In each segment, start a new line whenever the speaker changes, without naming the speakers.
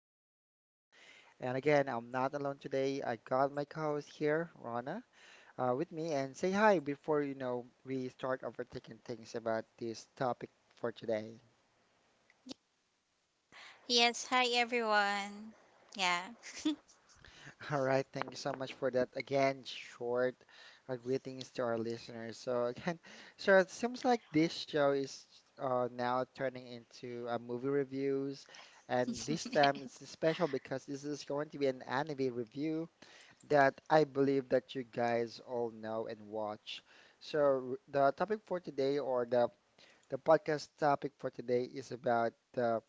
feels like home. And again, I'm not alone today. I got my co-host here, Rana, with me, and say hi before we start overthinking things about this topic for today.
Yes, hi everyone. Yeah.
All right, thank you so much for that. Again, short greetings to our listeners. So again, so it seems like this show is now turning into movie reviews, and this time it's special because this is going to be an anime review that I believe that you guys all know and watch. So the topic for today, or the podcast topic for today, is about the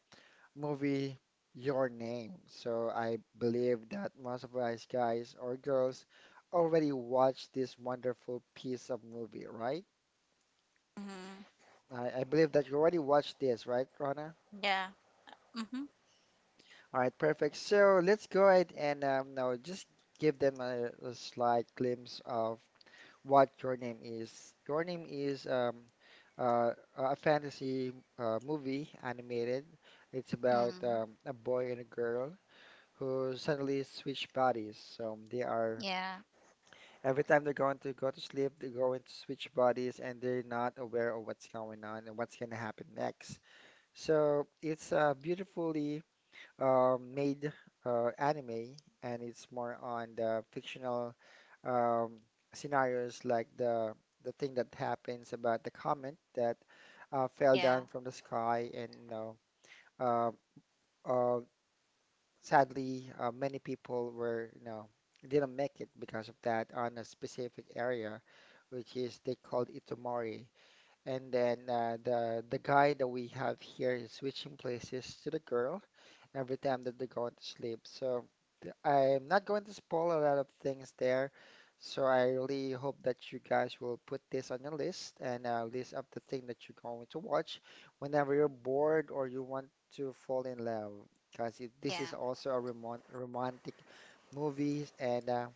movie Your Name. So I believe that most of us guys or girls already watched this wonderful piece of movie, right?
hmm
I believe that you already watched this, right, Rana?
Yeah. Mm-hmm.
All right, perfect. So let's go ahead and now just give them a slight glimpse of what Your Name is. Your Name is uh, a fantasy movie, animated. It's about
Mm.
a boy and a girl who suddenly switch bodies. So they are
Yeah.
every time they're going to go to sleep, they go into switch bodies and they're not aware of what's going on and what's going to happen next. So it's a beautifully made anime, and it's more on the fictional um, scenarios like the thing that happens about the comet that fell
Yeah.
down from the sky, and uh, uh, sadly, many people were, you know, didn't make it because of that on a specific area, which is they called Itomori. And then the guy that we have here is switching places to the girl every time that they are going to sleep. So I'm not going to spoil a lot of things there. So I really hope that you guys will put this on your list and list up the thing that you're going to watch whenever you're bored or you want to fall in love. Because this is
Yeah.
also a romantic movie, and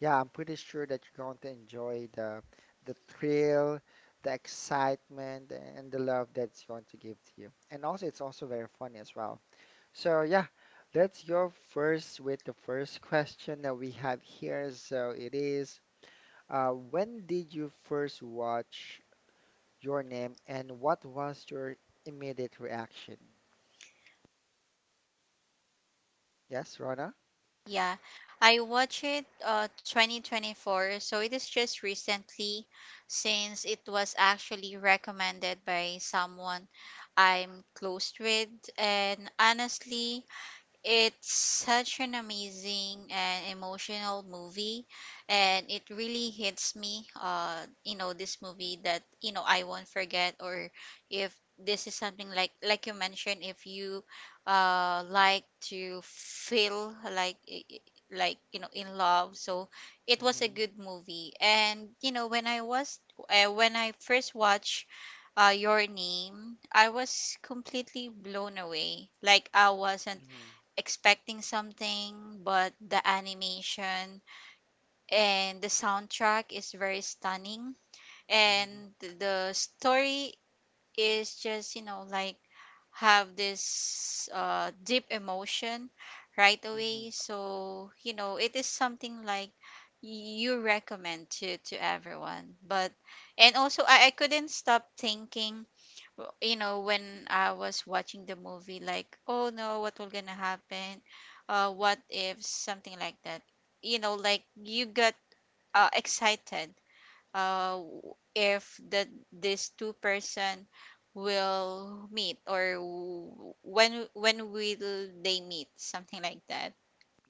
yeah, I'm pretty sure that you're going to enjoy the thrill, the excitement, and the love that's going to give to you. And also, it's also very funny as well. So yeah, let's go first with the first question that we have here. So it is, when did you first watch Your Name, and what was your immediate reaction? Yes, Rona?
Yeah. I watched it 2024, so it is just recently since it was actually recommended by someone I'm close with. And honestly, it's such an amazing and emotional movie, and it really hits me. You know, this movie that I won't forget. Or if this is something like you mentioned, if you like to feel like like in love, so it was a
Mm-hmm,
good movie. And you know, when I was when I first watched Your Name, I was completely blown away. Like I wasn't expecting something, but the animation and the soundtrack is very stunning.
mm-hmm,
And the story is just, you know, like have this deep emotion right away. So, it is something like you recommend to everyone. But and also I couldn't stop thinking you know when I was watching the movie, like, oh no, what will gonna happen, what if something like that, you know, like you got excited, if that this two-person will meet, or when will they meet, something like that.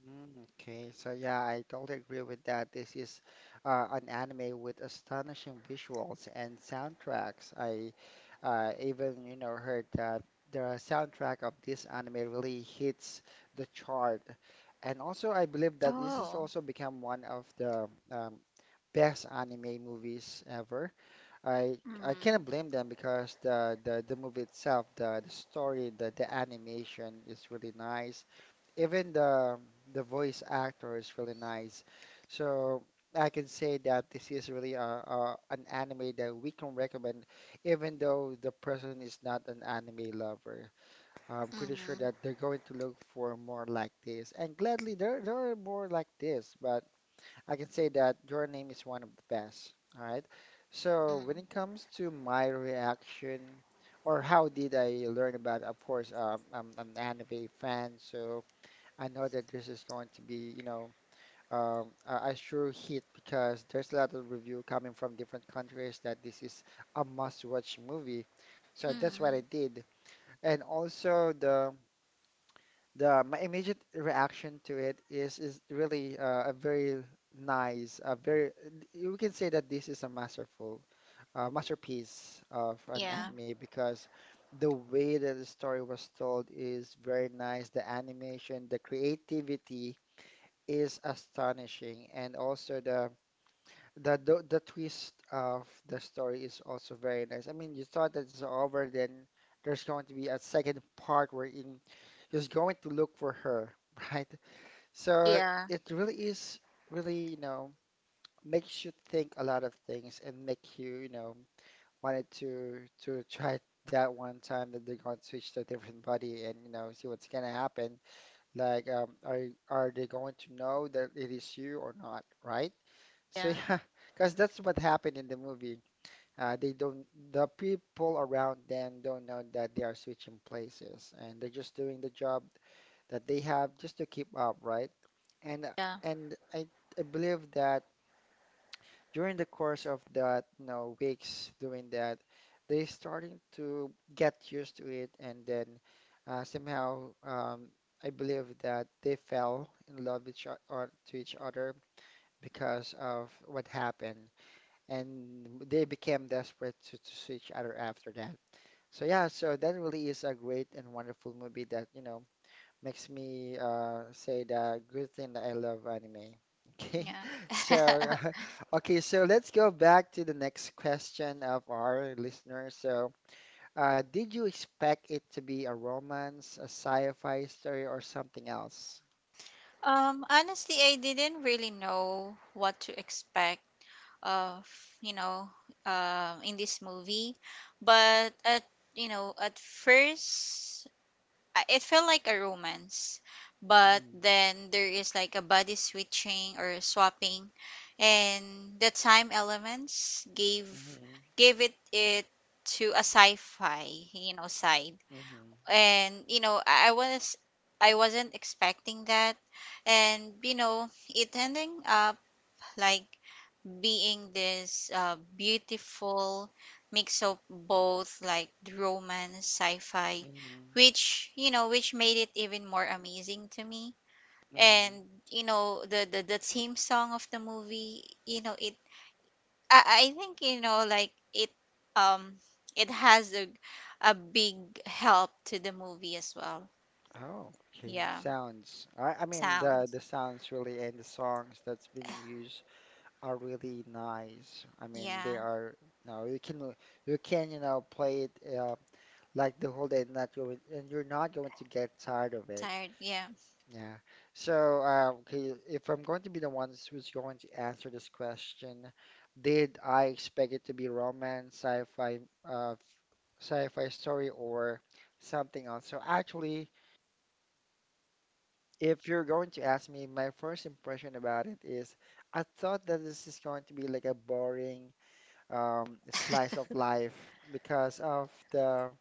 mm. Okay, so yeah, I totally agree with that. This is an anime with astonishing visuals and soundtracks. I even, you know, heard that the soundtrack of this anime really hits the chart. And also, I believe that this has
Oh
also become one of the best anime movies ever. I I cannot
mm-hmm,
blame them because the movie itself, the story, the animation is really nice, even the voice actor is really nice. So I can say that this is really a an anime that we can recommend, even though the person is not an anime lover. I'm pretty
mm-hmm,
sure that they're going to look for more like this, and gladly there are more like this. But I can say that Your Name is one of the best. All right. So when it comes to my reaction, or how did I learn about, of course, I'm an anime fan, so. I know that this is going to be, you know, a sure hit because there's a lot of review coming from different countries that this is a must-watch movie. So that's what I
mm-hmm.
did. And also the my immediate reaction to it is really a very nice, a very you can say that this is a masterful masterpiece of an
yeah
anime, because the way that the story was told is very nice. The animation, the creativity is astonishing, and also the twist of the story is also very nice. I mean, you thought that it's over, then there's going to be a second part wherein he's going to look for her, right? So
yeah
it really is really, you know, makes you think a lot of things and make you, you know, wanted to try that one time that they're going to switch to a different body and, you know, see what's gonna happen. Like, are they going to know that it is you or not, right? So
yeah
yeah, because that's what happened in the movie. Uh, they don't, the people around them don't know that they are switching places, and they're just doing the job that they have just to keep up, right? And
yeah
and I, I believe that during the course of that, you know, weeks doing that, they starting to get used to it, and then somehow I believe that they fell in love with each o- or to each other because of what happened, and they became desperate to see each other after that. So yeah, so that really is a great and wonderful movie that, you know, makes me say that good thing that I love anime. Okay, so
yeah
okay, so let's go back to the next question of our listener. So, did you expect it to be a romance, a sci-fi story, or something else?
Honestly, I didn't really know what to expect of, you know, in this movie, but at, you know, at first, it felt like a romance, but
Mm-hmm.
then there is like a body switching or swapping, and the time elements gave
Hmm.
gave it it to a sci-fi, you know, side.
Hmm.
And you know, I wasn't expecting that. And you know, it ending up like being this beautiful mix of both, like romance sci-fi, which you know, which made it even more amazing to me.
Hmm.
And you know, the the theme song of the movie, you know it, I think, you know, like it um it has a big help to the movie as well.
Oh, okay.
Yeah
Sounds. I mean the
Sounds.
sounds really, and the songs that's been used are really nice. I mean, they
Yeah.
are No, you can play it uh, like the whole day, not going, and you're not going to get tired of it.
Tired. Yeah.
Yeah. So, okay, if I'm going to be the one who's going to answer this question, did I expect it to be romance, uh, sci-fi story, or something else? So actually, if you're going to ask me, my first impression about it is I thought that this is going to be like a boring slice of life because of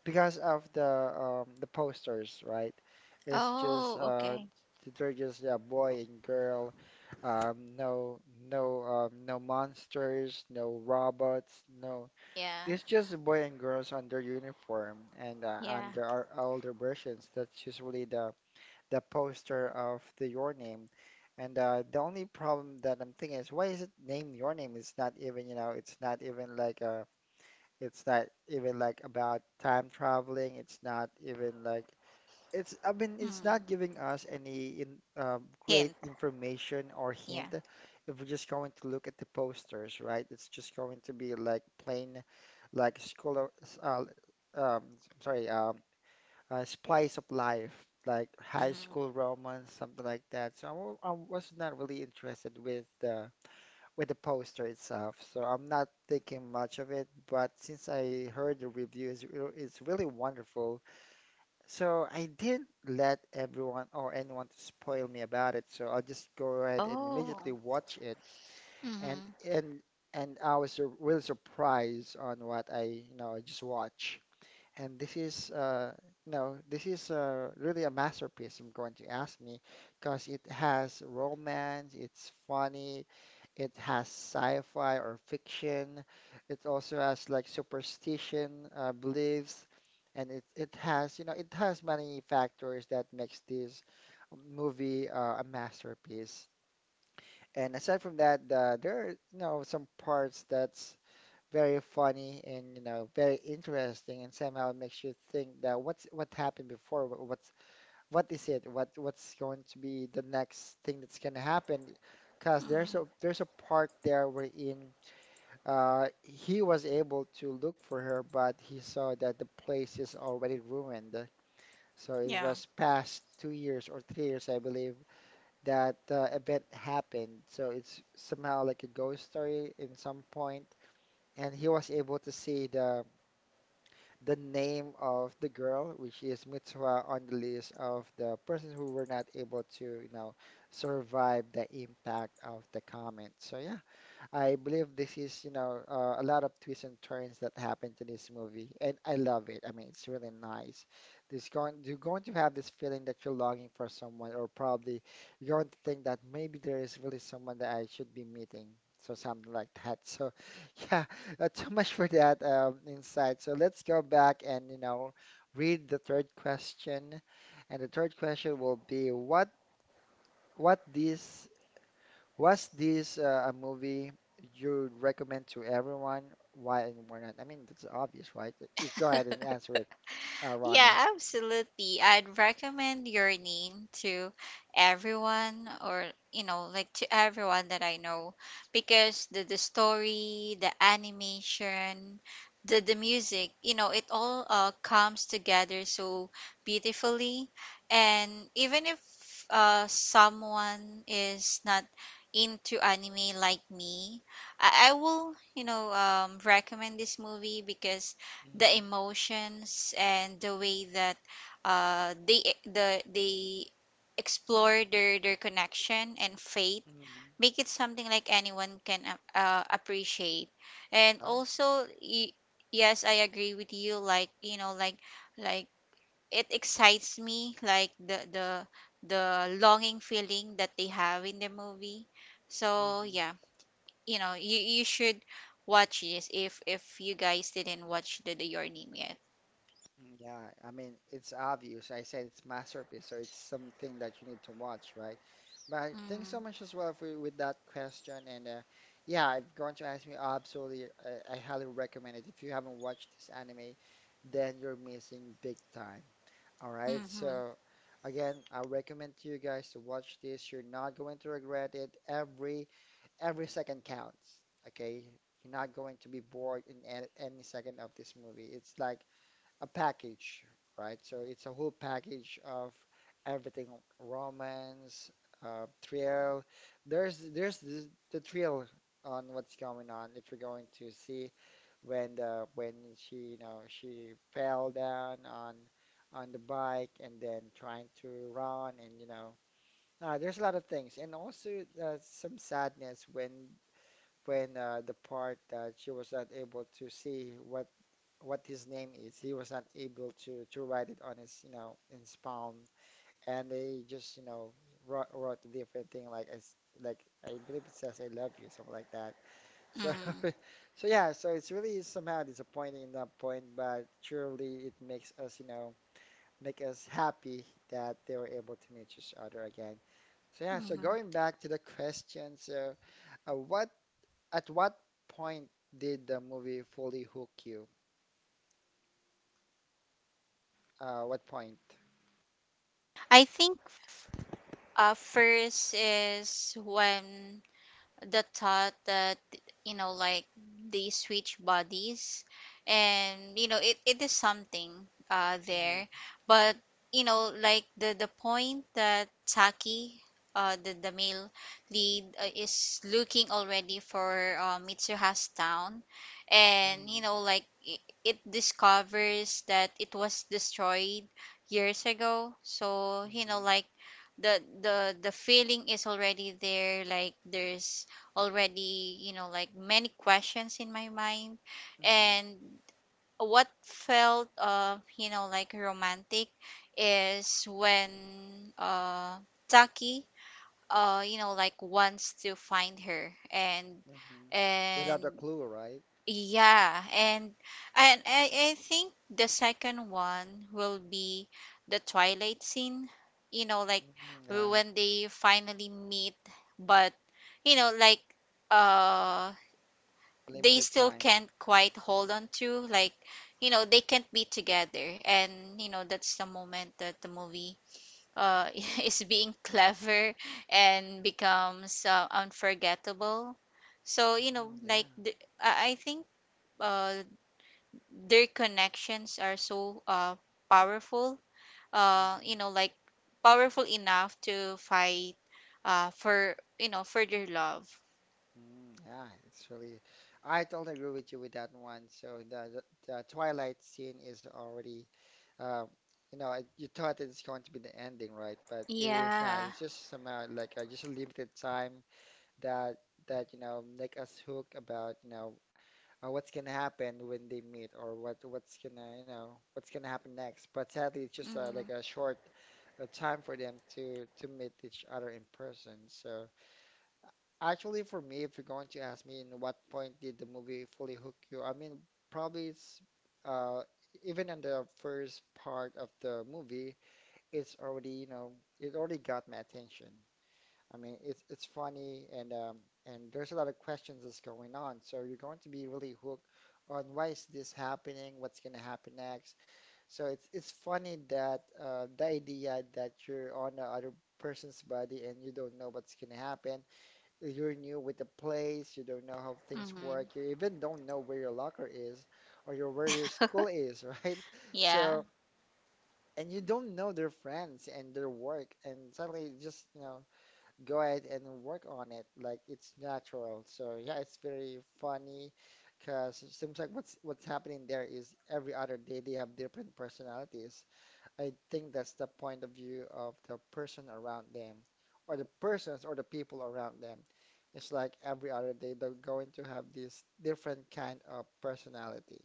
because of the the posters, right? It's just
Oh, okay.
they're just a boy and girl, um, no no monsters, no robots, no.
Yeah.
It's just a boy and girls on their uniform and on
Yeah.
their older versions. That's usually the poster of the Your Name. And the only problem that I'm thinking is why is it named Your Name? It's not even, you know, it's not even it's not even like about time traveling. It's not even like it's I mean it's not
Mm.
giving us any great
Hint.
information or
Yeah.
hint if we're just going to look at the posters, right? It's just going to be like plain like school uh, um, I'm sorry, splice of life, like high school
hmm
romance, something like that. So I was not really interested with the poster itself. So I'm not thinking much of it. But since I heard the reviews, it's really wonderful. So I didn't let everyone or anyone to spoil me about it. So I'll just go ahead and
Oh.
immediately watch it. And
hmm
and and I was really surprised on what I you know I just watched. And this is, this is really a masterpiece, I'm going to ask me, because it has romance, it's funny, it has sci-fi or fiction, it also has like superstition, beliefs, and it has, you know, it has many factors that makes this movie a masterpiece. And aside from that, there are, you know, some parts that's very funny, and you know very interesting, and somehow makes you think that what happened before wh- what's what is it what what's going to be the next thing that's going to happen, because there's
hmm
a part there wherein he was able to look for her, but he saw that the place is already ruined. So it
Yeah.
was past 2 years or 3 years, I believe, that event happened, so it's somehow like a ghost story in some point, and he was able to see the name of the girl, which is Mitsuha, on the list of the persons who were not able to, you know, survive the impact of the comment. So yeah. I believe this is, you know, a lot of twists and turns that happen to this movie, and I love it. I mean, it's really nice. This going You're going to have this feeling that you're longing for someone, or probably you're going to think that maybe there is really someone that I should be meeting, so something like that. So, yeah, too much for that insight. So let's go back and read the third question, and the third question will be what this was this a movie you'd recommend to everyone? Why and why not? I mean, that's obvious, right? Just go ahead and answer it, Rana.
Yeah, absolutely. I'd recommend Your Name to everyone, or you know, like to everyone that I know, because the story, the animation, the music, you know, it all comes together so beautifully. And even if someone is not into anime like me, I will, you know, recommend this movie because the
Mm-hmm.
emotions and the way that they explore their connection and faith
Mm-hmm.
make it something like anyone can appreciate. and
Oh.
also y- yes, I agree with you, like you know, like like it excites me, like the the longing feeling that they have in the movie. So
Mm-hmm.
yeah, you know, you should watch this if you guys didn't watch the Your Name yet.
Mm, yeah, I mean, it's obvious. I said it's masterpiece, so it's something that you need to watch, right? But thanks so
Mm,
much as well for with that question. And yeah, if you're going to ask me, absolutely, I highly recommend it. If you haven't watched this anime, then you're missing big time. All right,
mhm,
so again, I recommend to you guys to watch this. You're not going to regret it. Every second counts. Okay, you're not going to be bored in any second of this movie. It's like a package, right? So it's a whole package of everything, romance, thrill. There's the thrill on what's going on if you're going to see when the when she she fell down on the bike and then trying to run and there's a lot of things and also some sadness when the part that she was not able to see what his name is. He was not able to write it on in his palm, and they just, wrote a different thing, like I believe it says "I love you," something like that. So,
mm,
so yeah, so it's really somehow disappointing in that point, but surely it makes us, make us happy that they were able to meet each other again. So yeah, so
mhm.
going back to the question, so what at what point did the movie fully hook you? What point?
I think first is when the thought that, you know, like they switch bodies, and you know it, it is something there. But you know, like the point that Saki, the male lead, is looking already for Mitsuha's town, and you
Mhm.
know, like it discovers that it was destroyed years ago. So you know,
Mhm.
like the the feeling is already there. Like there's already, you know, like many questions in my mind.
Mhm.
And what felt, you know, like romantic is when Taki, you know, like wants to find her. and
Mhm. Without a
and
clue, right?
yeah, and I think the second one will be the twilight scene, you know, like
Mhm. Yeah.
when they finally meet. But you know, like uh they
Limited
still
time.
can't quite hold on to, like, you know, they can't be together. And you know, that's the moment that the movie uh is being clever and becomes unforgettable. So you
Mhm.
know,
Yeah.
like I think uh their connections are so powerful,
Mhm.
you know, like powerful enough to fight for, you know, for their love.
Mm, yeah, it's really. I totally agree with you with that one. So the Twilight scene is already, uh, you thought it's going to be the ending, right? But it is not.
Yeah
It's just somehow like just a limited time that that make us hook about what's gonna happen when they meet or what's gonna what's gonna happen next. But sadly, it's just like a
mm-hmm.
short time for them to meet each other in person. So actually, for me, if you're going to ask me in what point did the movie fully hook you, I mean probably it's uh even in the first part of the movie, it's already you know it already got my attention. I mean, it's funny and there's a lot of questions that's going on. So you're going to be really hooked on why is this happening? What's going to happen next? So it's funny that the idea that you're on the other person's body and you don't know what's going to happen. You're new with the place. You don't know how things work.
Mm-hmm.
You even don't know where your locker is or your school is, right?
yeah
So and you don't know their friends and their work and suddenly just go ahead and work on it. Like it's natural. So yeah, it's very funny because it seems like what's happening there is every other day they have different personalities. I think that's the point of view of the person around them, or the persons or the people around them. It's like every other day they're going to have this different kind of personality.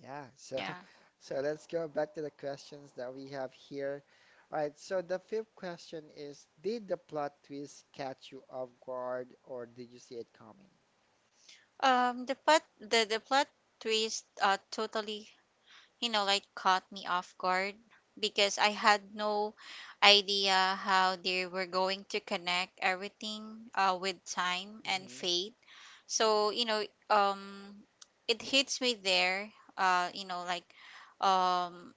Yeah, so.
yeah
So let's go back to the questions that we have here. All right, so the fifth question is, did the plot twist catch you off guard or did you see it coming?
The plot, the plot twist, totally, you know, like caught me off guard, because I had no idea how they were going to connect everything, with time and
Mm-hmm.
fate. So, you know, it hits me there, uh, you know, like, um,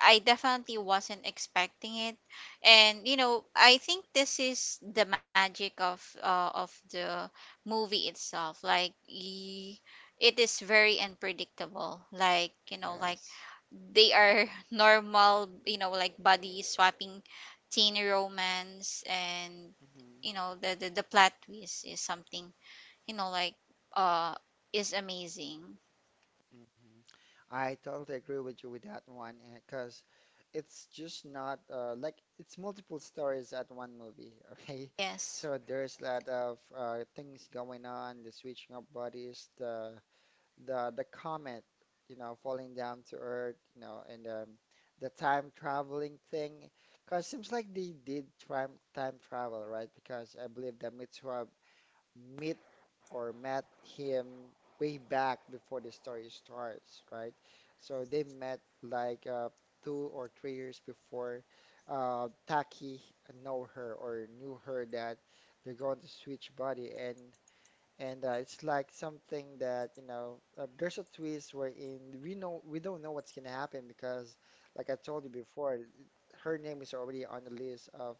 I definitely wasn't expecting it. And you know, I think this is the magic of the movie itself. It is very unpredictable. Like, you know, like
Yes.
they are normal, you know, like body swapping teen romance. And
Mm-hmm.
you know, the the plot twist is something, you know, like uh is amazing.
Mm-hmm. I totally agree with you with that one because it's just not like it's multiple stories at one movie, okay?
Yes.
So there's a lot of things going on, the switching of bodies, the comet, you know, falling down to Earth, and the time traveling thing. Because seems like they did time travel, right? Because I believe that Mitsuha meet or met him way back before the story starts, right? So they met like 2 or 3 years before Taki know her or knew her that they're going to switch body and it's like something that there's a twist wherein we don't know what's gonna happen because like I told you before, her name is already on the list of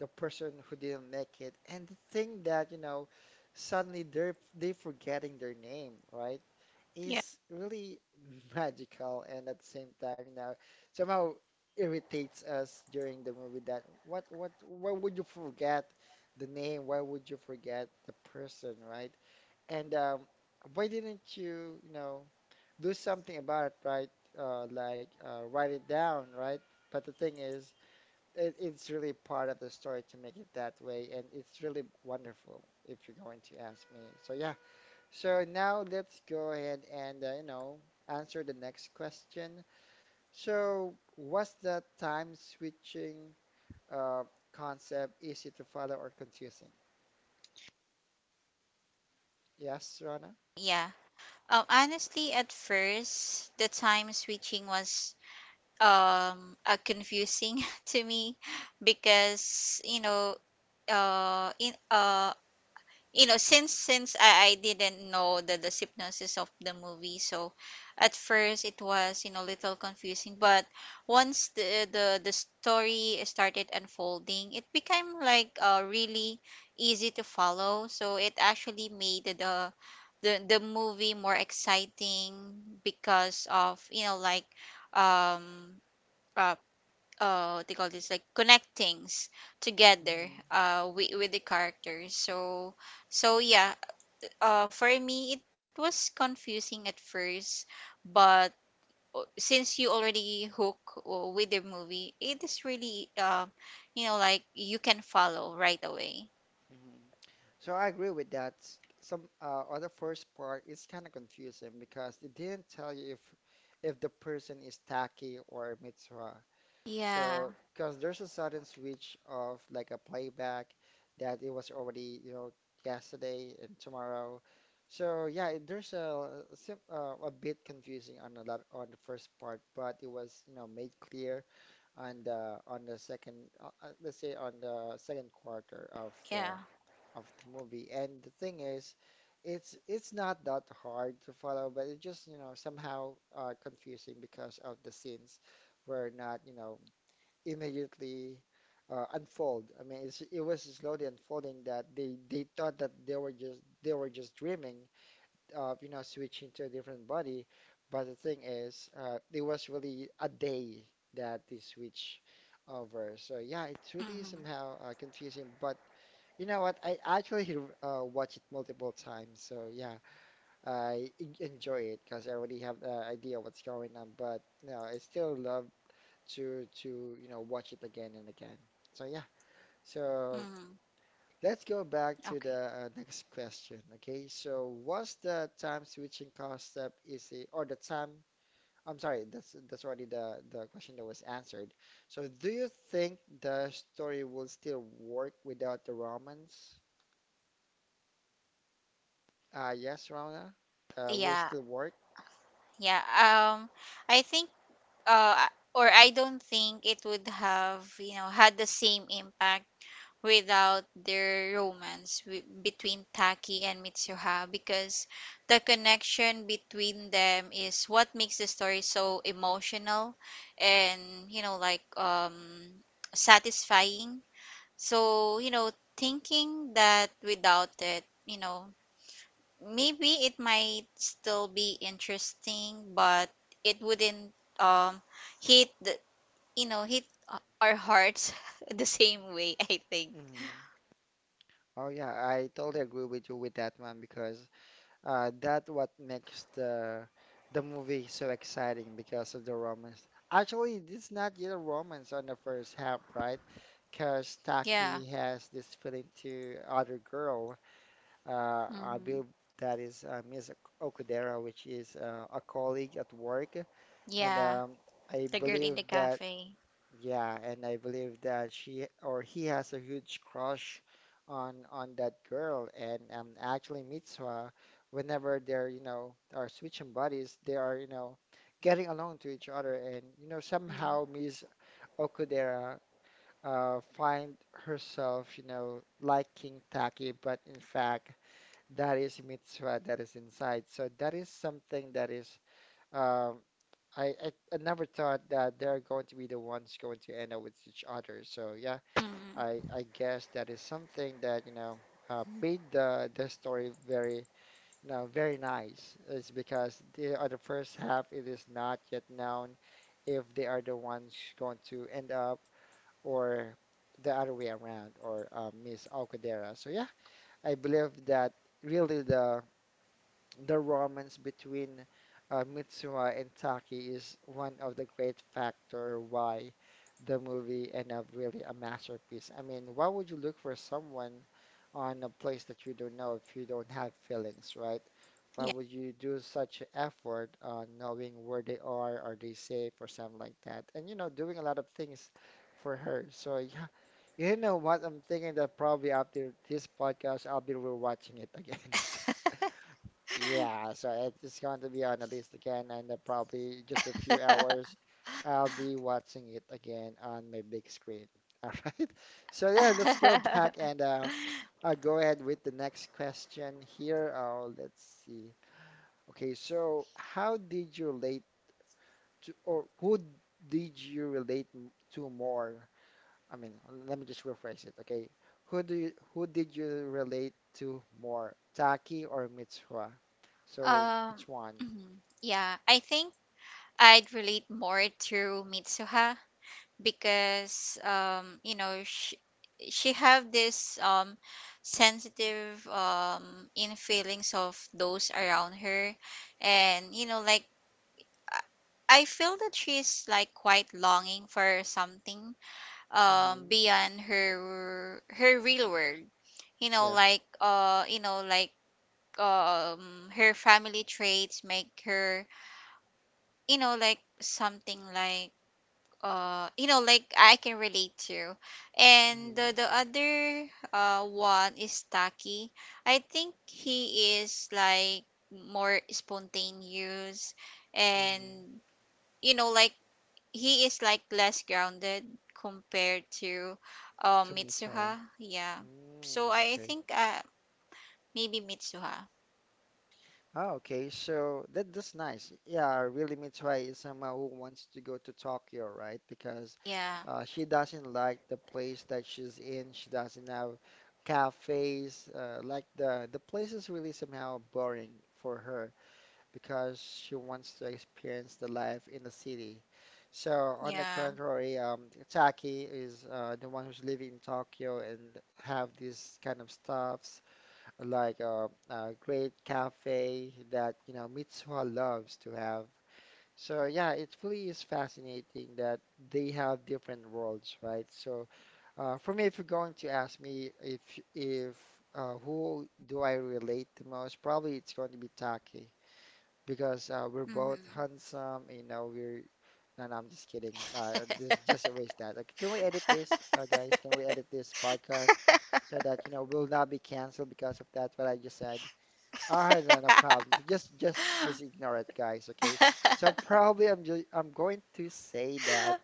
the person who didn't make it, and the thing that suddenly they forgetting their name, right,
Yeah.
is really magical, and at the same time you know somehow irritates us during the movie. That what Why would you forget the name? Why would you forget the person, right? And why didn't you, you know, do something about it, right? Like write it down, right? But the thing is, it, it's really part of the story to make it that way, and it's really wonderful if you're going to ask me. So yeah. So now let's go ahead and answer the next question. So was the time switching uh, concept easy to follow or confusing? Yes, Rana?
Yeah. Honestly, at first, the time switching was confusing to me, because you know, in you know, since I didn't know the synopsis of the movie. So at first it was, you know, little confusing. But once the story started unfolding, it became like really easy to follow. So it actually made the movie more exciting because of, you know, like um uh, they call this like connect things together, with the characters. So so yeah, for me it was confusing at first, but since you already hook with the movie, it is really, you know, like you can follow right away.
Mhm. So I agree with that. Some other first part is kind of confusing because they didn't tell you if the person is Taki or Mitzvah.
Yeah
So because there's a sudden switch of like a playback that it was already, you know, yesterday and tomorrow. So yeah, there's a bit confusing on a lot on the first part, but it was, you know, made clear on the second quarter
yeah
of the movie. And the thing is, it's not that hard to follow, but it's just, you know, somehow confusing because of the scenes were not, immediately unfold. I mean, it's, it was slowly unfolding that they thought that they were just dreaming, you know, switching to a different body. But the thing is, it was really a day that they switch over. So yeah, it really
mm-hmm,
somehow confusing. But you know what? I actually watch it multiple times. So yeah, I enjoy it because I already have the idea what's going on. But you know, I still love to watch it again and again. So yeah. So
mm-hmm.
let's go back to
okay
the next question. Okay, so what's the time switching cost step is it, or the time? I'm sorry, that's already the question that was answered. So do you think the story will still work without the Romans? Yes, Rona, will
yeah
still work.
yeah I think uh or I don't think it would have, you know, had the same impact without their romance, between Taki and Mitsuha, because the connection between them is what makes the story so emotional and,
Mhm.
you know, like satisfying. So you know, thinking that without it, you know, maybe it might still be interesting, but it wouldn't um hit the you know, hit our hearts the same way, I think.
Mhm. Oh yeah, I totally agree with you with that one because that what makes the movie so exciting because of the romance. Actually, it's not yet a romance on the first half, right? Because
Yeah
Taki has this feeling to other girl. I
hmm
believe that is Miss Okudera, which is a colleague at work, and
Yeah,
I
the girl in
believe
the
that,
cafe.
yeah, and I believe that she or he has a huge crush on that girl. And actually, Mitsuha, whenever they're you know are switching bodies, they are getting along to each other. And somehow
Mm.
Miss Okudera find herself liking Taki, but in fact that is Mitsuha that is inside. So that is something that is. um I never thought that they're going to be the ones going to end up with each other. So yeah,
Hmm.
I guess that is something that made the story very, very nice. It's because the other first half, it is not yet known if they are the ones going to end up or the other way around or Miss Okudera. So yeah, I believe that really the romance between Mitsuha and Taki is one of the great factor why the movie end up really a masterpiece. I mean, why would you look for someone on a place that you don't know if you don't have feelings, right? Why
Yeah.
would you do such a effort on knowing where they are they safe, or something like that? And you know, doing a lot of things for her. So yeah, you know what? I'm thinking that probably after this podcast, I'll be rewatching it again. Yeah, so it's going to be on the list again, and probably just a few hours, I'll be watching it again on my big screen. All right. So yeah, let's go back and uh, I'll go ahead with the next question here. Oh, let's see. Okay, so how did you relate to, or who did you relate to more? I mean, let me just rephrase it. Okay, who did you relate to more, Taki or Mitsuha? So which
Um,
one?
mhm. Yeah, I think I'd relate more to Mitsuha because, you know, she have this sensitive in feelings of those around her. And you know, like I feel that she's like quite longing for something
Mm-hmm.
beyond her real world, you know,
Yes.
like you know, like her family traits make her, you know, like something like you know, like I can relate to. And
Mm-hmm.
the other one is Taki. I think he is like more spontaneous
Mm-hmm.
and, you know, like he is like less grounded compared to
Tomita.
Mitsuha. Yeah. So
Mm,
I
okay.
think maybe Mitsuha.
Oh, okay. So that's nice. Yeah, really, Mitsui is someone who wants to go to Tokyo, right? Because
Yeah.
uh, she doesn't like the place that she's in. She doesn't have cafes. Like the place is really somehow boring for her, because she wants to experience the life in the city. So on the
Yeah.
contrary, Taki is the one who's living in Tokyo and have these kind of stuffs like a great cafe that Mitsuha loves to have. So yeah, it really is fascinating that they have different worlds, right? So for me, if you're going to ask me if who do I relate the most, probably it's going to be Taki because we're both
hmm
handsome. You know, we're, no, no, I'm just kidding. Just erase that. Like, can we edit this, guys? Can we edit this podcast so that we'll not be canceled because of that? What I just said. All right, no, no problem. Just ignore it, guys. Okay. So probably I'm going to say that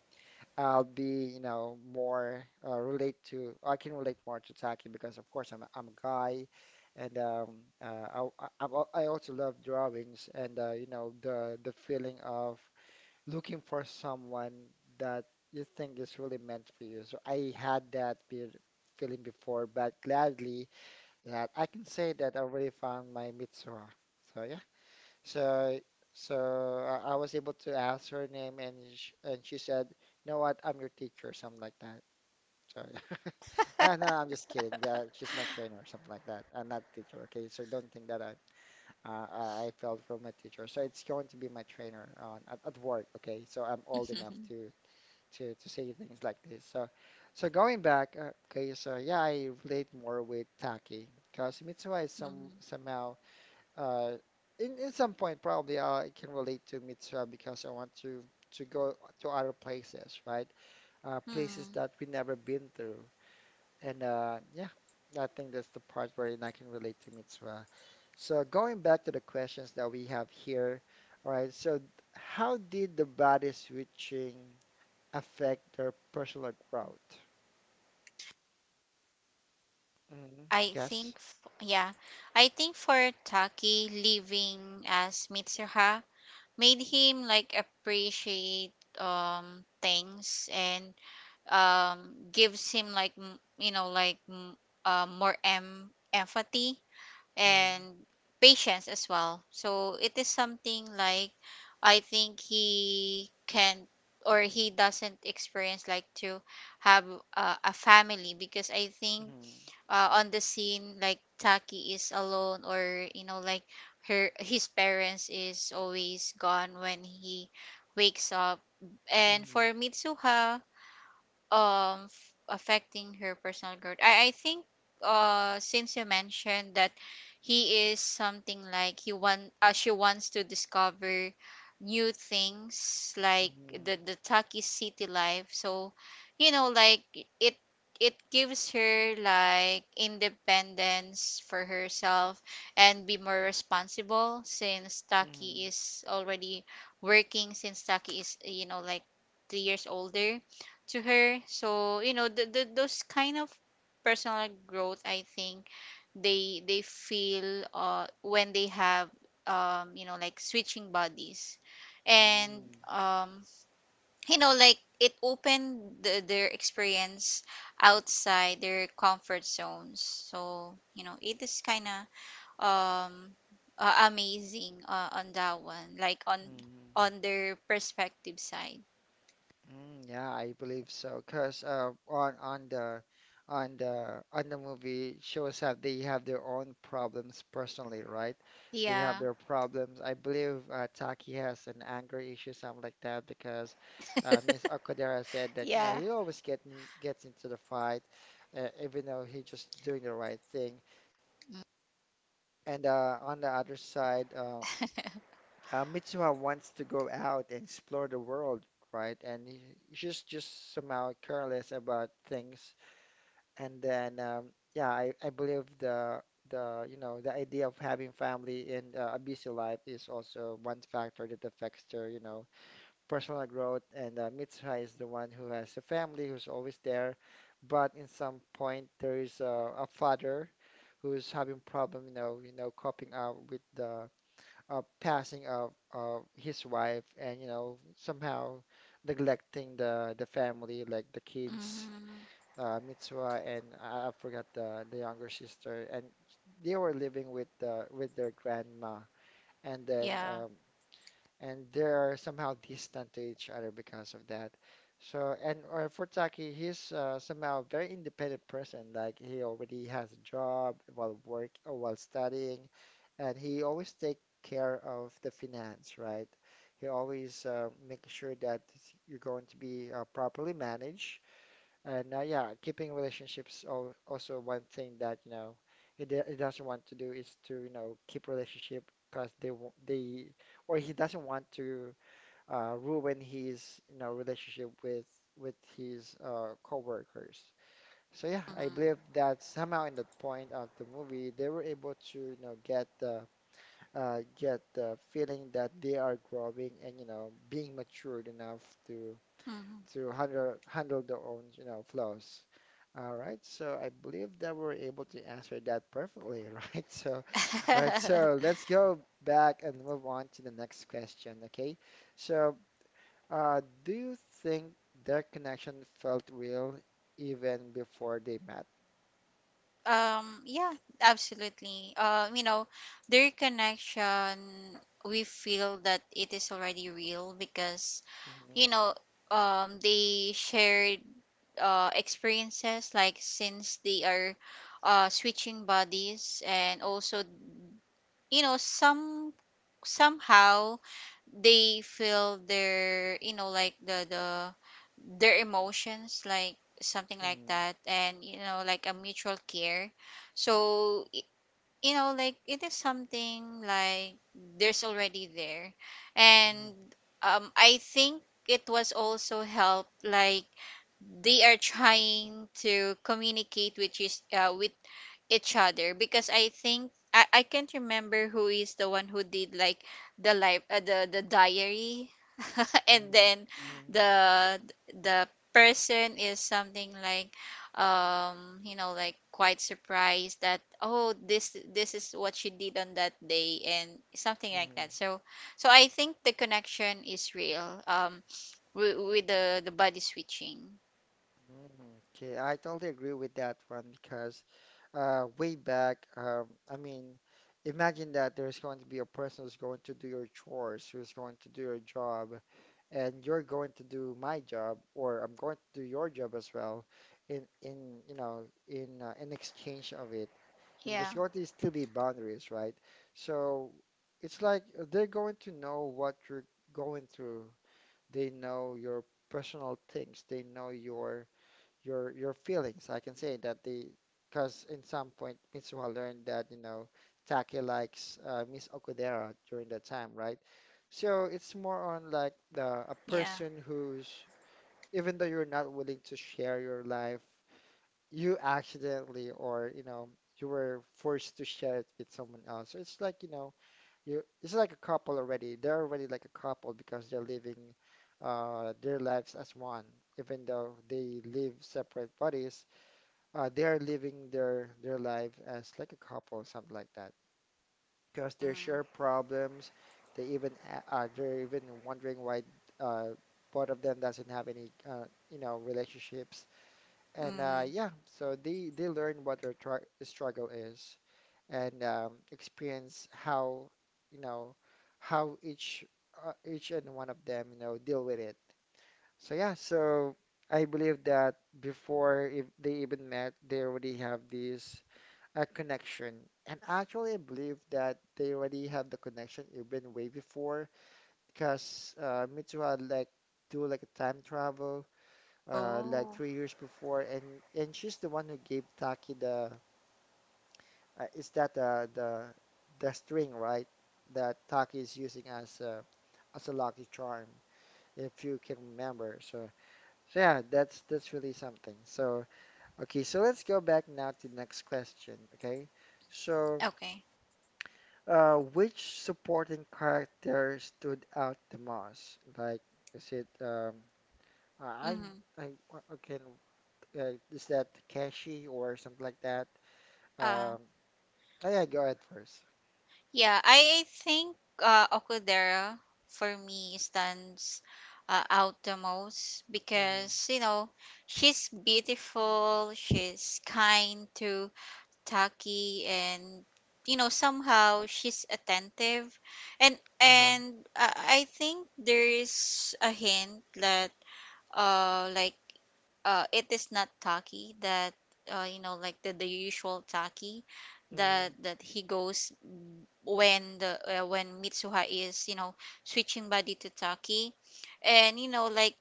I'll be, more relate to, I can relate more to tacking because, of course, I'm a guy, and uh, I also love drawings, and the feeling of looking for someone that you think is really meant for you. So I had that be feeling before, but gladly that I can say that I already found my Mitsuha. So yeah. So, so I was able to ask her name, and she said, "You know what? I'm your teacher," or something like that. So, no, no, I'm just kidding. Yeah, she's my trainer, or something like that. I'm not teacher, okay? So don't think that I fell from my teacher. So it's going to be my trainer on at work, okay? So I'm old enough
Mhm.
to say things like this. So going back, okay? So yeah, I relate more with Taki because Mitsuha is some
Mhm.
somehow uh, in some point probably I can relate to Mitra because I want to go to other places, right? Places
Hmm.
that we never been through, and yeah, I think that's the part where I can relate to Mitra. So going back to the questions that we have here, all right? So how did the body switching affect their personal growth? Mm,
I
yes.
think, yeah, I think for Taki, leaving as Mitsuha made him like appreciate things, and gives him like you know, like more empathy
Mm,
and patience as well. So it is something like I think he can, or he doesn't experience like to have a family, because I think
mm,
on the scene, like Taki is alone, or you know, like her his parents is always gone when he wakes up. And
mm,
for Mitsuha, affecting her personal growth, I think, since you mentioned that he is something like he want she wants to discover new things, like
mm,
the Taki city life. So you know, like it it gives her like independence for herself, and be more responsible, since Taki
mm,
is already working, since Taki is, you know, like 3 years older to her. So, you know, those kind of personal growth, I think they feel when they have, you know, like switching bodies. And
mm,
you know, like it opened their experience outside their comfort zones. So, you know, it is kind of um amazing, on that one, like on
mm, mm.
their perspective side.
Mm, yeah, I believe so. Cause on the movie shows that they have their own problems personally, right? They have
Yeah.
their problems. I believe Taki has an anger issue, something like that, because Miss Okudera said that
Yeah.
he always gets into the fight, even though he just doing the right thing. And on the other side, Mitsuha wants to go out and explore the world, right? And she's just somehow careless about things. And then, yeah, I believe the you know the idea of having family in a busy life is also one factor that affects their personal growth. And Mitsuha is the one who has a family who's always there, but in some point there is a father who's having problem, coping up with the passing of his wife and somehow neglecting the family like the kids
Mhm.
Mitsua and I forgot the younger sister and they were living with their grandma and then
Yeah.
and they're somehow distant to each other because of that. So, and for Taki, he's somehow a very independent person. Like he already has a job while work or while studying, and he always take care of the finance, right? He always make sure that you're going to be properly managed and yeah, keeping relationships also one thing that, you know, he doesn't want to do is to, keep relationship because or he doesn't want to ruin his, relationship with his coworkers. So yeah, I
hmm
believe that somehow in the point of the movie, they were able to, get the feeling that they are growing and, being matured enough to
hmm
to handle their own, flows. All right, so I believe that we're able to answer that perfectly, right? So, all right, so let's go back and move on to the next question, okay? So, do you think their connection felt real even before they met?
Yeah, absolutely. You know, their connection, we feel that it is already real because,
Mhm,
you know, they shared experiences, like since they are switching bodies. And also, you know, some somehow they feel their, you know, like the their emotions, like something like
mhm,
that, and you know, like a mutual care. So you know, like it is something like there's already there.
mhm,
And I think it was also help like they are trying to communicate with each other, because I think I can't remember who is the one who did, like the life, the diary. And
mhm,
then the the person is something like, you know, like quite surprised that, oh, this is what she did on that day, and something
mhm,
like that.
mhm,
So so I think the connection is real, with the body switching.
Okay, I totally agree with that one because way back, I mean, imagine that there's going to be a person who's going to do your chores, who's going to do your job, and you're going to do my job, or I'm going to do your job as well, in you know in exchange of it, and
Yeah
there's going to still be boundaries, right? So it's like they're going to know what you're going through. They know your personal things. They know your feelings. I can say that the because in some point Mitsuha learned that Taki likes Miss Okudera during that time, right? So it's more on like
yeah
the a person who's even though you're not willing to share your life, you accidentally or you were forced to share it with someone else. So it's like you know you it's like a couple already. They're already like a couple because they're living their lives as one, even though they live separate bodies they are living their life as like a couple, something like that. Because they
mm-hmm.
share problems, they're even wondering why uh, both of them doesn't have any relationships. And
Mm-hmm.
uh, yeah, so they learn what their tr struggle is and experience how you know how each and one of them deal with it. So yeah, so. I believe that before if they even met, they already have this a connection. And actually, I believe that they already have the connection even way before because Mitsuha like do like a time travel like
oh
3 years before, and she's the one who gave Taki the is that the string right that Taki is using as a lucky charm if you can remember. So yeah, that's really something. So okay, so let's go back now to the next question. Okay, so.
okay
Which supporting character stood out the most? Like, is it I
Mhm.
I- can is that Takeshi or something like that?
Uh,
Um, oh yeah, go ahead 1st.
yeah, I think Okudera for me stands out the most
Mm-hmm.
because, you know, she's beautiful, she's kind to Taki, and, you know, somehow she's attentive. And,
Uh-huh.
and uh, I think there is a hint that, uh, like, it is not tacky that you know like the usual tacky
Mm-hmm.
that he goes when the when Mitsuha is you know switching body to Taki, and you know like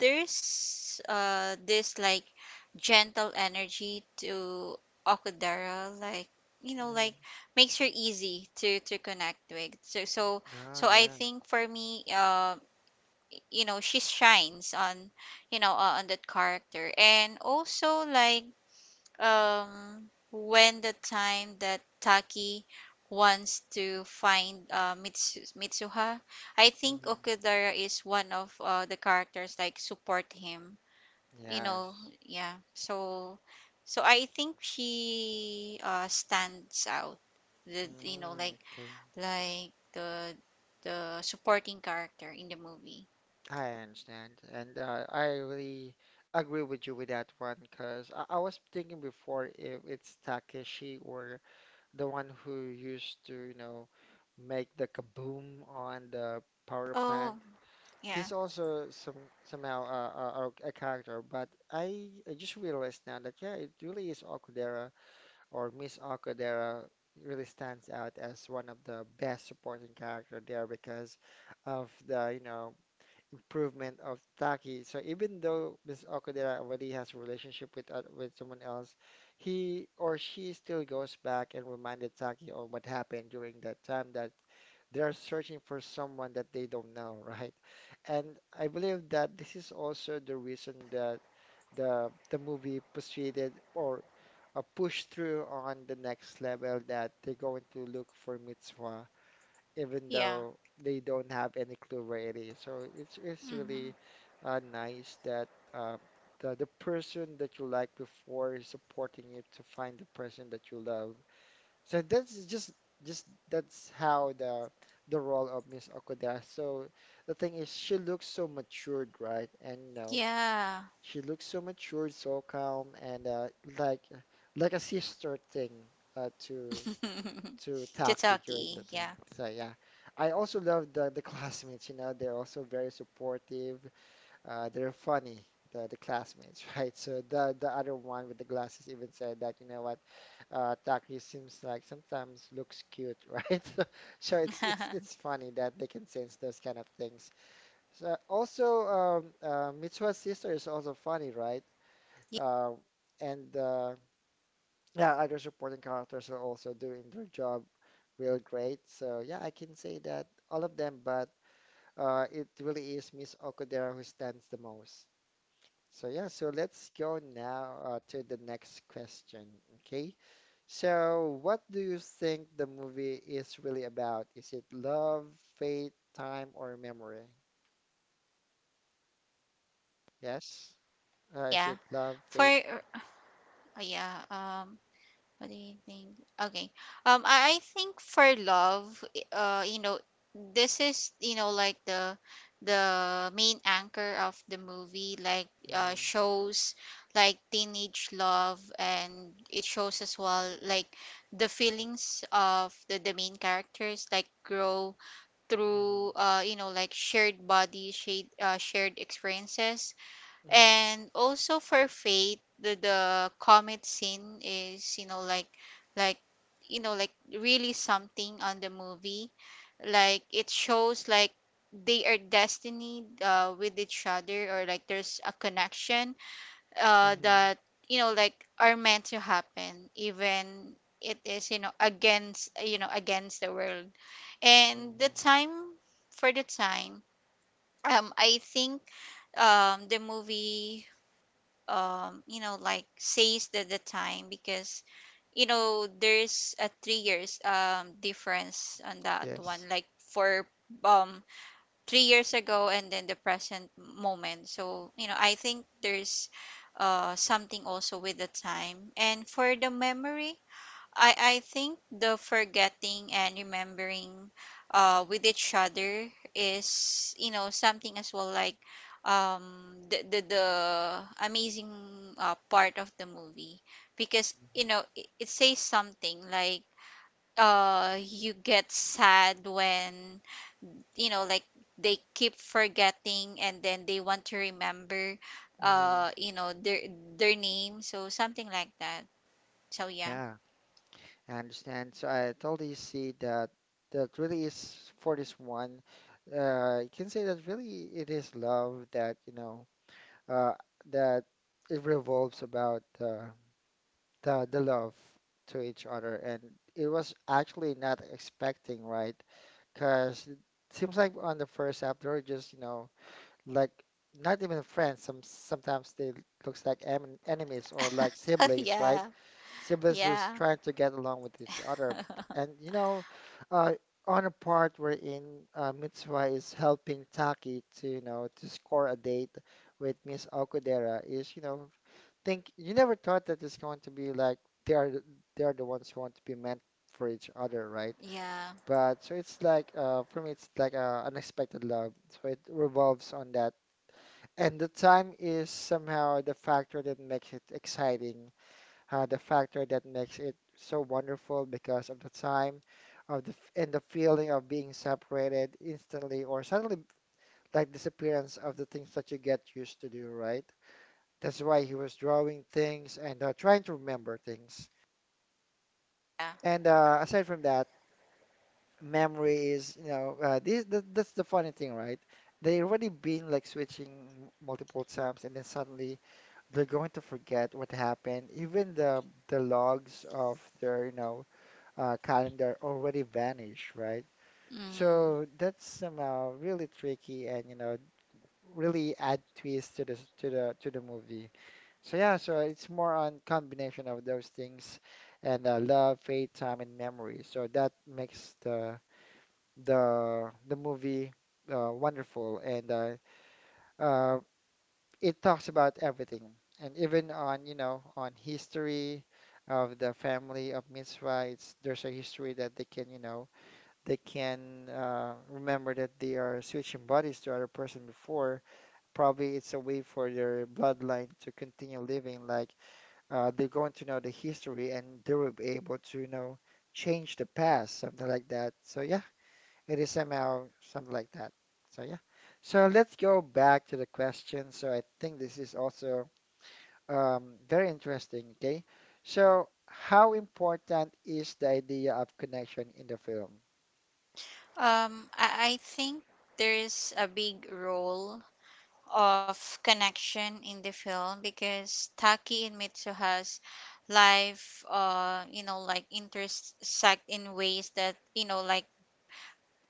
there's this like gentle energy to Okudera, like you know
Mm-hmm.
like makes her easy to connect with, so so
Oh
so I
yeah.
think for me, you know, she shines on, you know, on that character, and also like um when the time that Taki wants to find Mitsuha, I think
Mm-hmm.
Okudara is one of the characters like support him, you know.
Yes.
Yeah so so I think she stands out the you know
Mm, okay.
like the supporting character in the movie.
I understand, and I really agree with you with that one because I was thinking before if it's Takeshi or the one who used to, make the kaboom on the power plant.
Oh, yeah.
He's also somehow a character, but I just realized now that yeah, it really is Okudera or Miss Okudera really stands out as one of the best supporting character there because of the improvement of Taki. So even though Miss Okudera already has a relationship with someone else, he or she still goes back and reminded Taki on what happened during that time that they're searching for someone that they don't know, right? And I believe that this is also the reason that the movie proceeded or pushed through on the next level that they're going to look for Mitsuha even
Yeah.
though they don't have any clue where it is. So it's
Mhm.
really nice that uh, the person that you like before is supporting you to find the person that you love. So that's just that's how the role of Miss Okuda. So the thing is, she looks so matured, right?
Yeah.
She looks so matured, so calm, and like like a sister thing uh, to to Taki during the
Tataki.
time.
Yeah.
So yeah, I also love the classmates. They're also very supportive. They're funny. The classmates, right? So the other one with the glasses even said that, Taki seems like sometimes looks cute, right? So it's funny that they can sense those kind of things. So also, Mitsuha's sister is also funny, right? Uh, and yeah, other supporting characters are also doing their job real great. So yeah, I can say that all of them, but it really is Miss Okudera who stands the most. So yeah, so let's go now to the next question. Okay, so what do you think the movie is really about? Is it love, fate, time, or memory? Yes. Is
Yeah.
it love,
For
fate?
oh, yeah. What do you think? Okay. I think for love. You know, this is you know like the main anchor of the movie. Like
hmm
shows like teenage love, and it shows as well like the feelings of the main characters like grow through, you know, like shared body shade, shared experiences.
hmm
And also for faith, the comet scene is, you know like, like you know like really something on the movie, like it shows like they are destiny with each other, or like there's a connection
hmm hmm
that you know like are meant to happen, even it is, you know, against, you know, against the world and the
hmm
time. For the time, I think the movie you know like says that the time because you know there's a 3 years difference on that one,
Yes.
like for um 3 years ago and then the present moment. So, you know, I think there's something also with the time. And for the memory, I think the forgetting and remembering with each other is, you know, something as well like the amazing part of the movie, because, you know, it says something like, you get sad when you know like they keep forgetting and then they want to remember,
hmm hmm
you know, their name, so something like that. So yeah.
Yeah, I understand. So I totally see that that really is for this one. You can say that really it is love that, uh, that it revolves about the love to each other, and it was actually not expecting, right? Because it seems like on the first half they were just, you know, like not even friends. Sometimes they looks like enemies or like siblings, right?
Yeah.
Siblings who's
Yeah.
trying to get along with each other. And you know, uh, on a part wherein Mitsuha is helping Taki to to score a date with Miss Okudera is think you never thought that it's going to be like they are th- they are the ones who want to be meant for each other, right?
Yeah.
But so it's like for me it's like a unexpected love. So it revolves on that. And the time is somehow the factor that makes it exciting the factor that makes it so wonderful because of the time and the feeling of being separated instantly or suddenly like disappearance of the things that you get used to do, right? That's why he was drawing things and trying to remember things.
Yeah.
And aside from that, memory is, you know, this, th that's the funny thing, right? They already been like switching multiple times, and then suddenly they're going to forget what happened. Even the logs of their, you know, calendar already vanished, right? So
Mm.
that's somehow really tricky and you know really add twist to the s- to the movie. So yeah, so it's more on combination of those things and love, faith, time, and memory. So that makes the movie wonderful and uh, it talks about everything and even on you know on history of the family of Mitzvah. It's there's a history that they can you know they can remember that they are switching bodies to other person before. Probably it's a way for their bloodline to continue living. Like they're going to know the history and they will be able to, you know, change the past, something like that. So yeah, it is somehow something like that. So yeah. So let's go back to the question. So I think this is also very interesting. Okay. So how important is the idea of connection in the film?
I think there's a big role of connection in the film, because Taki and Mitsu life you know like intersect in ways that you know like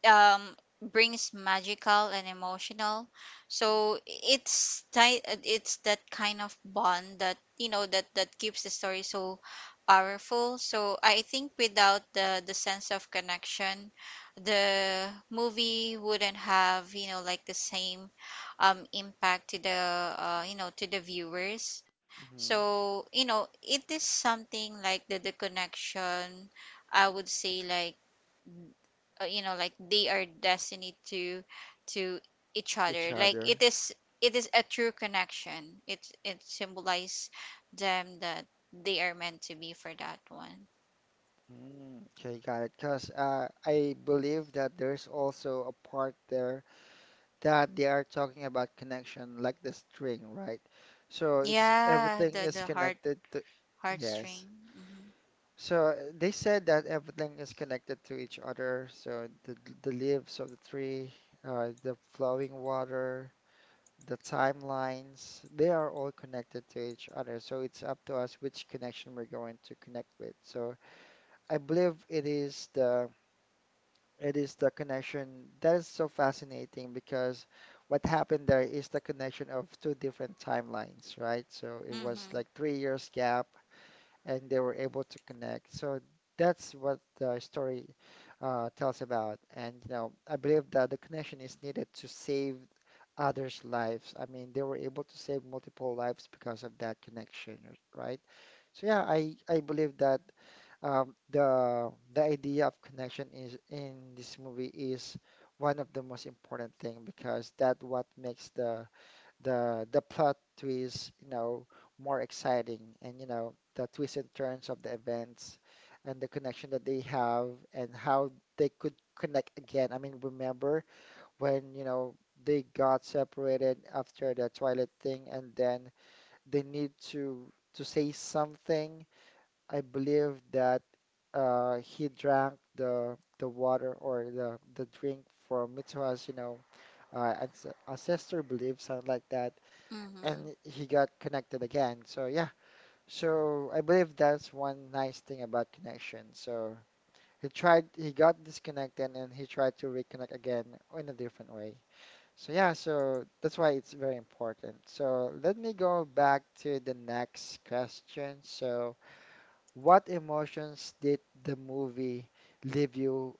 um brings magical and emotional. So it's it's that kind of bond that you know that keeps the story so powerful. So I think without the sense of connection, the movie wouldn't have, you know, like the same impact to the, you know, to the viewers.
hmm
So you know it is something like the connection. I would say like, you know like they are destined to to each
Each
other, like it
other.
is, it is a true connection, it symbolizes them that they are meant to be for that one.
Mm, okay, got it. Because I believe that there's also a part there that they are talking about connection, like the string, right? So it's
Yeah,
everything
the
is connected to, yes.
heartstring. Mm-hmm.
So they said that everything is connected to each other. So the leaves of the tree, the flowing water, the timelines, they are all connected to each other. So it's up to us which connection we're going to connect with. So I believe it is the connection that is so fascinating because what happened there is the connection of two different timelines, right? So it was
Mm-hmm.
like 3 years gap and they were able to connect. So that's what the story tells about. And you know, I believe that the connection is needed to save others' lives. I mean, they were able to save multiple lives because of that connection, right? So yeah, I believe that the idea of connection is in this movie is one of the most important thing because that what makes the plot twist you know more exciting and you know the twists and turns of the events and the connection that they have and how they could connect again. I mean, remember when you know they got separated after the Twilight thing and then they need to say something I believe that he drank the water or the drink from Mitsuha's, you know, ancestor belief, something like that,
Mm-hmm.
and he got connected again. So yeah, so I believe that's one nice thing about connection. So he tried, he got disconnected, and he tried to reconnect again in a different way. So yeah, so that's why it's very important. So let me go back to the next question. So. What emotions did the movie leave you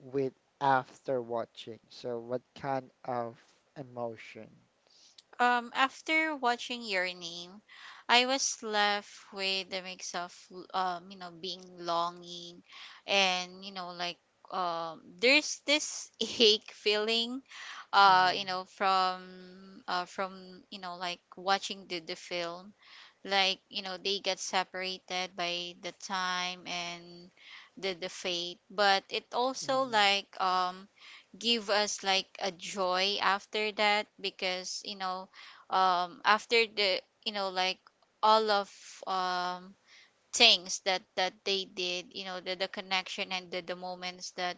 with after watching? So, what kind of emotions?
After watching Your Name, I was left with a mix of, you know, being longing, and you know, like there's this ache feeling,
Mm-hmm.
you know, from you know, like watching the film, like you know, they get separated by the time and the fate, but it also
Mm-hmm.
like give us like a joy after that, because you know after the you know like all of um things that that they did, you know, the connection and the moments that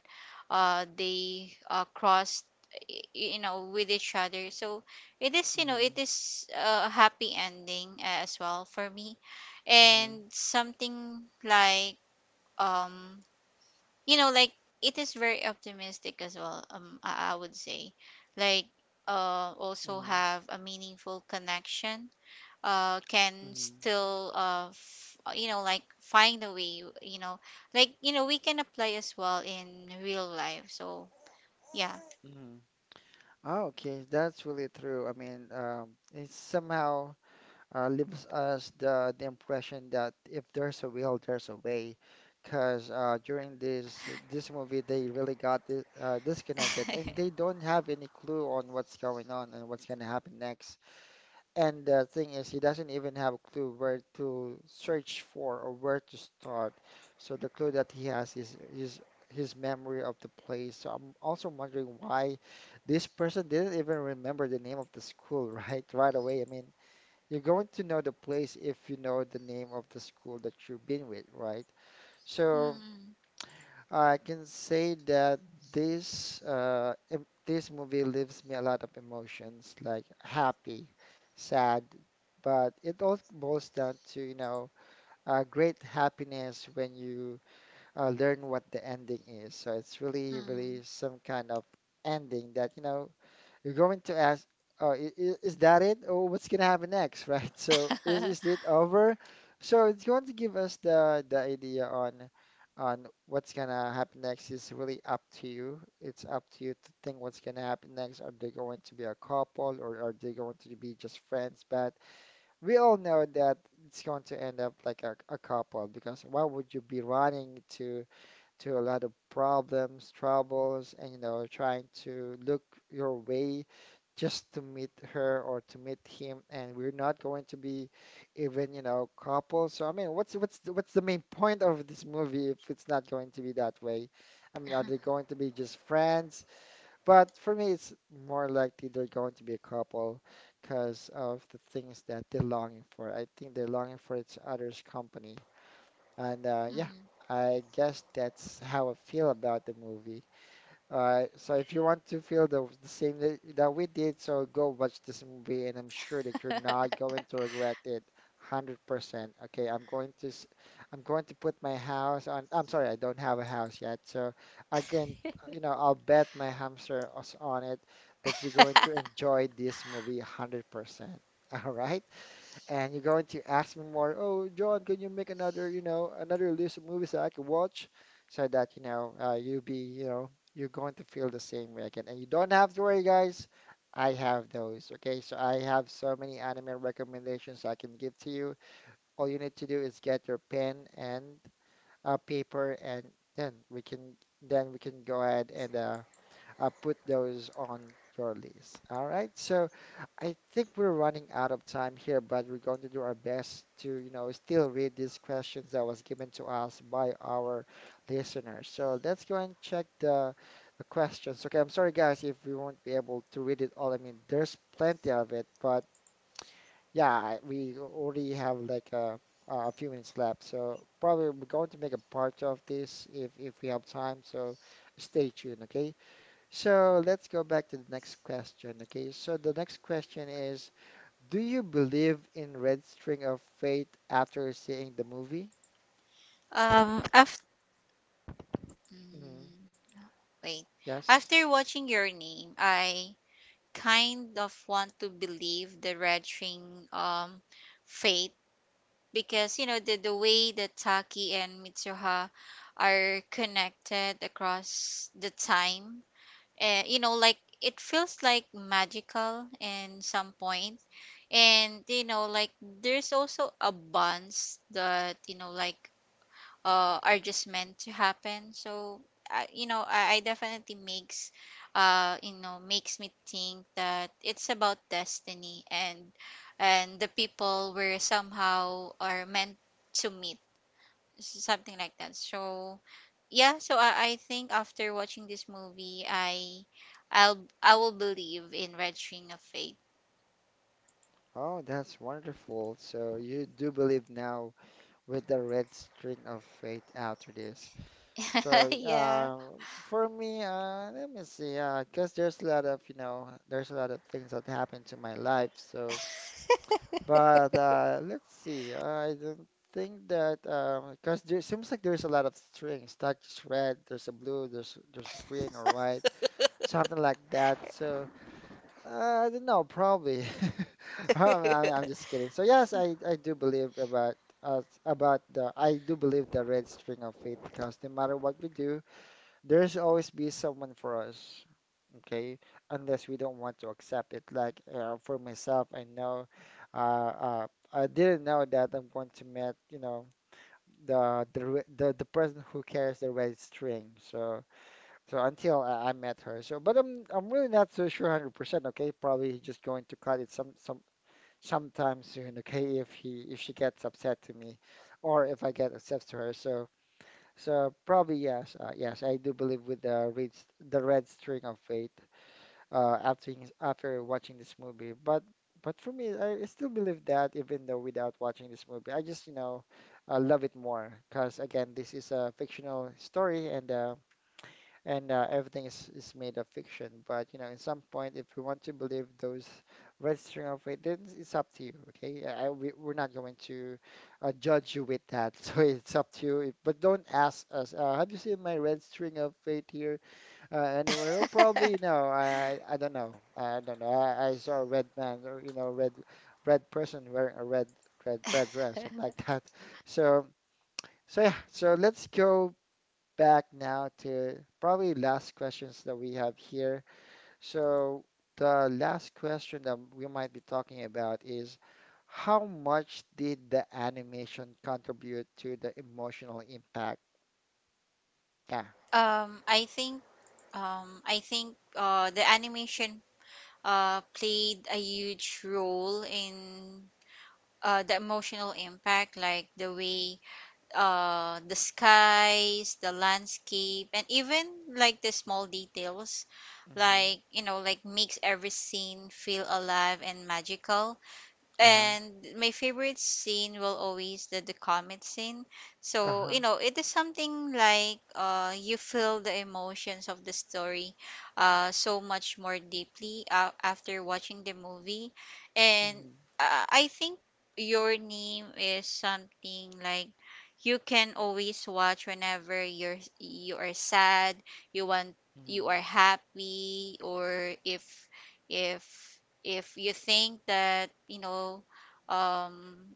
they crossed you know with each other. So it is, you know,
Mm-hmm.
it is a happy ending as well for me,
Mm-hmm.
and something like um you know like it is very optimistic as well. I would say like also
Mm-hmm.
have a meaningful connection can
Mm-hmm.
still you know like find a way, you know like you know we can apply as well in real life. So yeah.
Mm-hmm. Oh, okay, that's really true. I mean, it's somehow leaves us the impression that if there's a will, there's a way. Because during this movie, they really got di disconnected, and they don't have any clue on what's going on and what's gonna happen next. And the thing is, he doesn't even have a clue where to search for or where to start. So the clue that he has is his memory of the place. So I'm also wondering why this person didn't even remember the name of the school right away. I mean, you're going to know the place if you know the name of the school that you've been with, right? So
Mm.
I can say that this this movie leaves me a lot of emotions, like happy, sad, but it all boils down to, you know, great happiness when you learn what the ending is. So it's really,
Mm.
really some kind of ending that, you know, you're going to ask, oh, is that it? Oh, what's gonna happen next, right? So is it over? So it's going to give us the idea on what's gonna happen next is really up to you. It's up to you to think what's gonna happen next. Are they going to be a couple or are they going to be just friends? But we all know that it's going to end up like a couple because why would you be running to a lot of problems, troubles, and you know, trying to look your way just to meet her or to meet him, and we're not going to be even, you know, couple. So I mean, what's the main point of this movie if it's not going to be that way? I mean, are they going to be just friends? But for me, it's more likely they're going to be a couple because of the things that they're longing for. I think they're longing for each other's company. And yeah,
Mhm.
I guess that's how I feel about the movie. So if you want to feel the same that, that we did, so go watch this movie, and I'm sure that you're not going to regret it 100%. Okay, I'm going to put my house on. I'm sorry, I don't have a house yet, so I can you know I'll bet my hamster is on it that you're going to enjoy this movie 100%. All right, and you're going to ask me more, oh, John, can you make another, you know, another list of movies that I can watch so that, you know, you'll be, you know, you're going to feel the same way again. And you don't have to worry, guys. I have those, okay? So I have so many anime recommendations I can give to you. All you need to do is get your pen and paper, and then we can then we can go ahead and put those on your list. All right. So I think we're running out of time here, but we're going to do our best to, you know, still read these questions that was given to us by our listeners. So let's go and check the questions. Okay. I'm sorry, guys, if we won't be able to read it all. I mean, there's plenty of it, but yeah, we already have like a few minutes left, so probably we're going to make a part of this if we have time. So stay tuned, okay? So let's go back to the next question. Okay, so the next question is, do you believe in Red String of Fate after seeing the movie?
After
Mhm.
wait
Yes.
after watching Your Name, I kind of want to believe the red ring um fate, because you know the way that Taki and Mitsuha are connected across the time, you know like it feels like magical in some point, and you know like there's also a bonds that you know like are just meant to happen. So I, you know, I definitely makes, you know, makes me think that it's about destiny and the people were somehow are meant to meet, something like that. So yeah, so I think after watching this movie, I, I will believe in Red Ring of Fate.
Oh, that's wonderful. So you do believe now with the Red String of Fate after this. So
Yeah.
for me, let me see, because there's a lot of, you know, there's a lot of things that happened to my life. So. But let's see. I don't think that, because there seems like there's a lot of strings. Like there's red, there's a blue, there's green or white, something like that. So I don't know. Probably. I'm just kidding. So yes, I do believe about us about the I do believe the red string of fate, because no matter what we do, there's always be someone for us, okay? Unless we don't want to accept it. Like for myself, I know, uh, uh, I didn't know that I'm going to meet, you know, the person who carries the red string. So so until I met her. So but I'm really not so sure 100%, okay? Probably just going to cut it sometime soon, okay? If she gets upset to me, or if I get upset to her. So. So probably yes, yes, I do believe with the the red string of fate after watching this movie. But for me, I still believe that, even though without watching this movie, I just, you know, love it more, because again, this is a fictional story and, everything is made of fiction. But you know, in some point, if you want to believe those registering of it, then it's up to you. Okay. Yeah, we, we're not going to judge you with that, so it's up to you. But don't ask us. Have you seen my red string of fate here anywhere? Oh, probably no. I don't know. I don't know. I saw a red man, or you know, red person wearing a red dress, something like that. So. So yeah, so let's go back now to probably last questions that we have here. So the last question that we might be talking about is, how much did the animation contribute to the emotional impact? Yeah.
Um, I think I think the animation played a huge role in the emotional impact, like the way the skies, the landscape, and even like the small details,
Mm-hmm.
like you know, like makes every scene feel alive and magical.
Uh-huh.
And my favorite scene will always the comet scene. So
Uh-huh.
you know it is something like you feel the emotions of the story so much more deeply, after watching the movie. And
Mm-hmm.
I think Your Name is something like you can always watch whenever you are sad, you want, you
Mm-hmm.
are happy, or if if you think that, you know, um,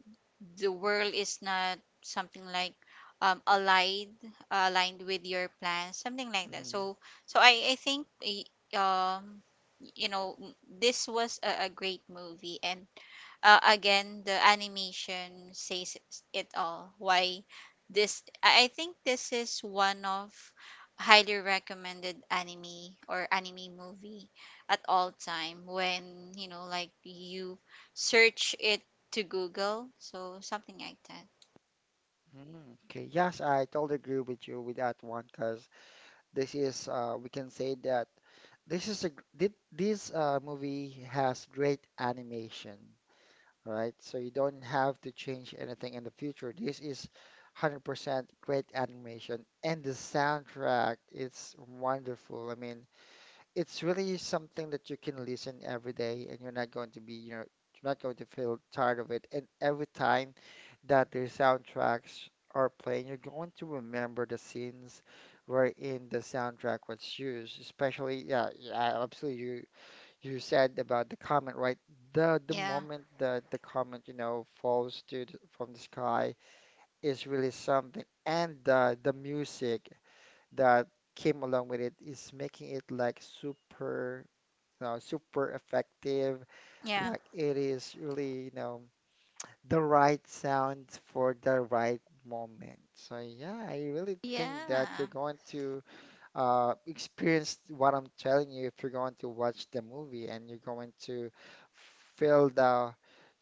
the world is not something like um, aligned aligned with your plans, something like that.
Mm-hmm.
So so I think um you know, this was a great movie, and again, the animation says it all why this, I think this is one of highly recommended anime or anime movie at all time, when you know like you search it to Google, so something like that.
Okay. Yes, I totally agree with you with that one, because this is we can say that this is a gr- thi- this movie has great animation, right? So you don't have to change anything in the future. This is 100% great animation, and the soundtrack, it's wonderful. I mean, it's really something that you can listen every day, and you're not going to be, you know, you're not going to feel tired of it. And every time that the soundtracks are playing, you're going to remember the scenes wherein the soundtrack was used, especially, yeah, yeah, absolutely. You said about the comment, right? The
Yeah.
moment the comment, you know, from the sky is really something, and the music that came along with it is making it like super, you know, super effective.
Yeah.
Like it is really, you know, the right sound for the right moment. So yeah, I really think that you're
Yeah.
going to experience what I'm telling you if you're going to watch the movie, and you're going to feel the,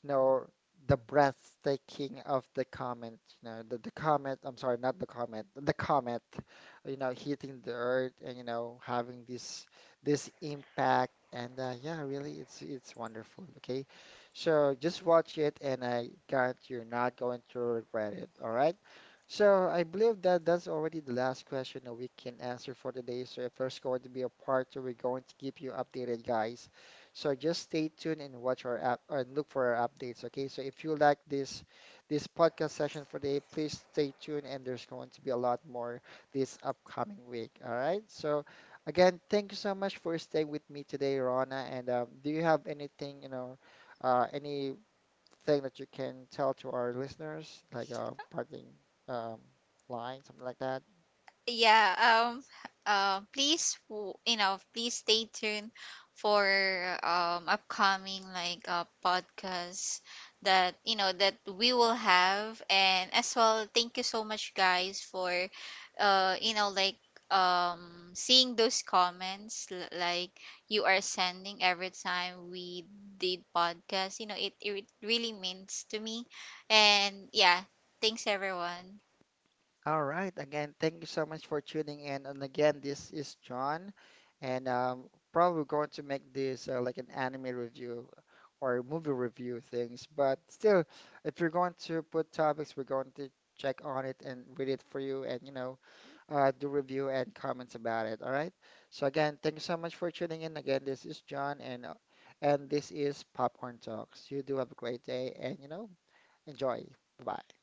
you know, the breathtaking of the comet, you know, the comet, I'm sorry, not the comet, the comet, you know, hitting the earth and, you know, having this this impact and, yeah, really it's wonderful, okay? So just watch it and I guarantee you're not going to regret it, all right? So I believe that that's already the last question that we can answer for today. So if there's going to be a part two, we're going to keep you updated, guys. So just stay tuned and watch our app, and look for our updates. Okay. So if you like this podcast session for today, please stay tuned, and there's going to be a lot more this upcoming week. All right. So again, thank you so much for staying with me today, Rona. And do you have anything, you know, any thing that you can tell to our listeners, like a parting um, line, something like that?
Yeah. um please w- you know, please stay tuned for upcoming like podcasts that you know that we will have, and as well thank you so much guys for, you know like seeing those comments, like you are sending every time we did podcast, you know it, it really means to me. And yeah, thanks everyone.
All right. Again, thank you so much for tuning in. And again, this is John, and probably going to make this like an anime review or movie review things. But still, if you're going to put topics, we're going to check on it and read it for you, and you know, do review and comments about it. All right. So again, thank you so much for tuning in. Again, this is John, and, this is Popcorn Talks. You do have a great day, and you know, enjoy. Bye bye.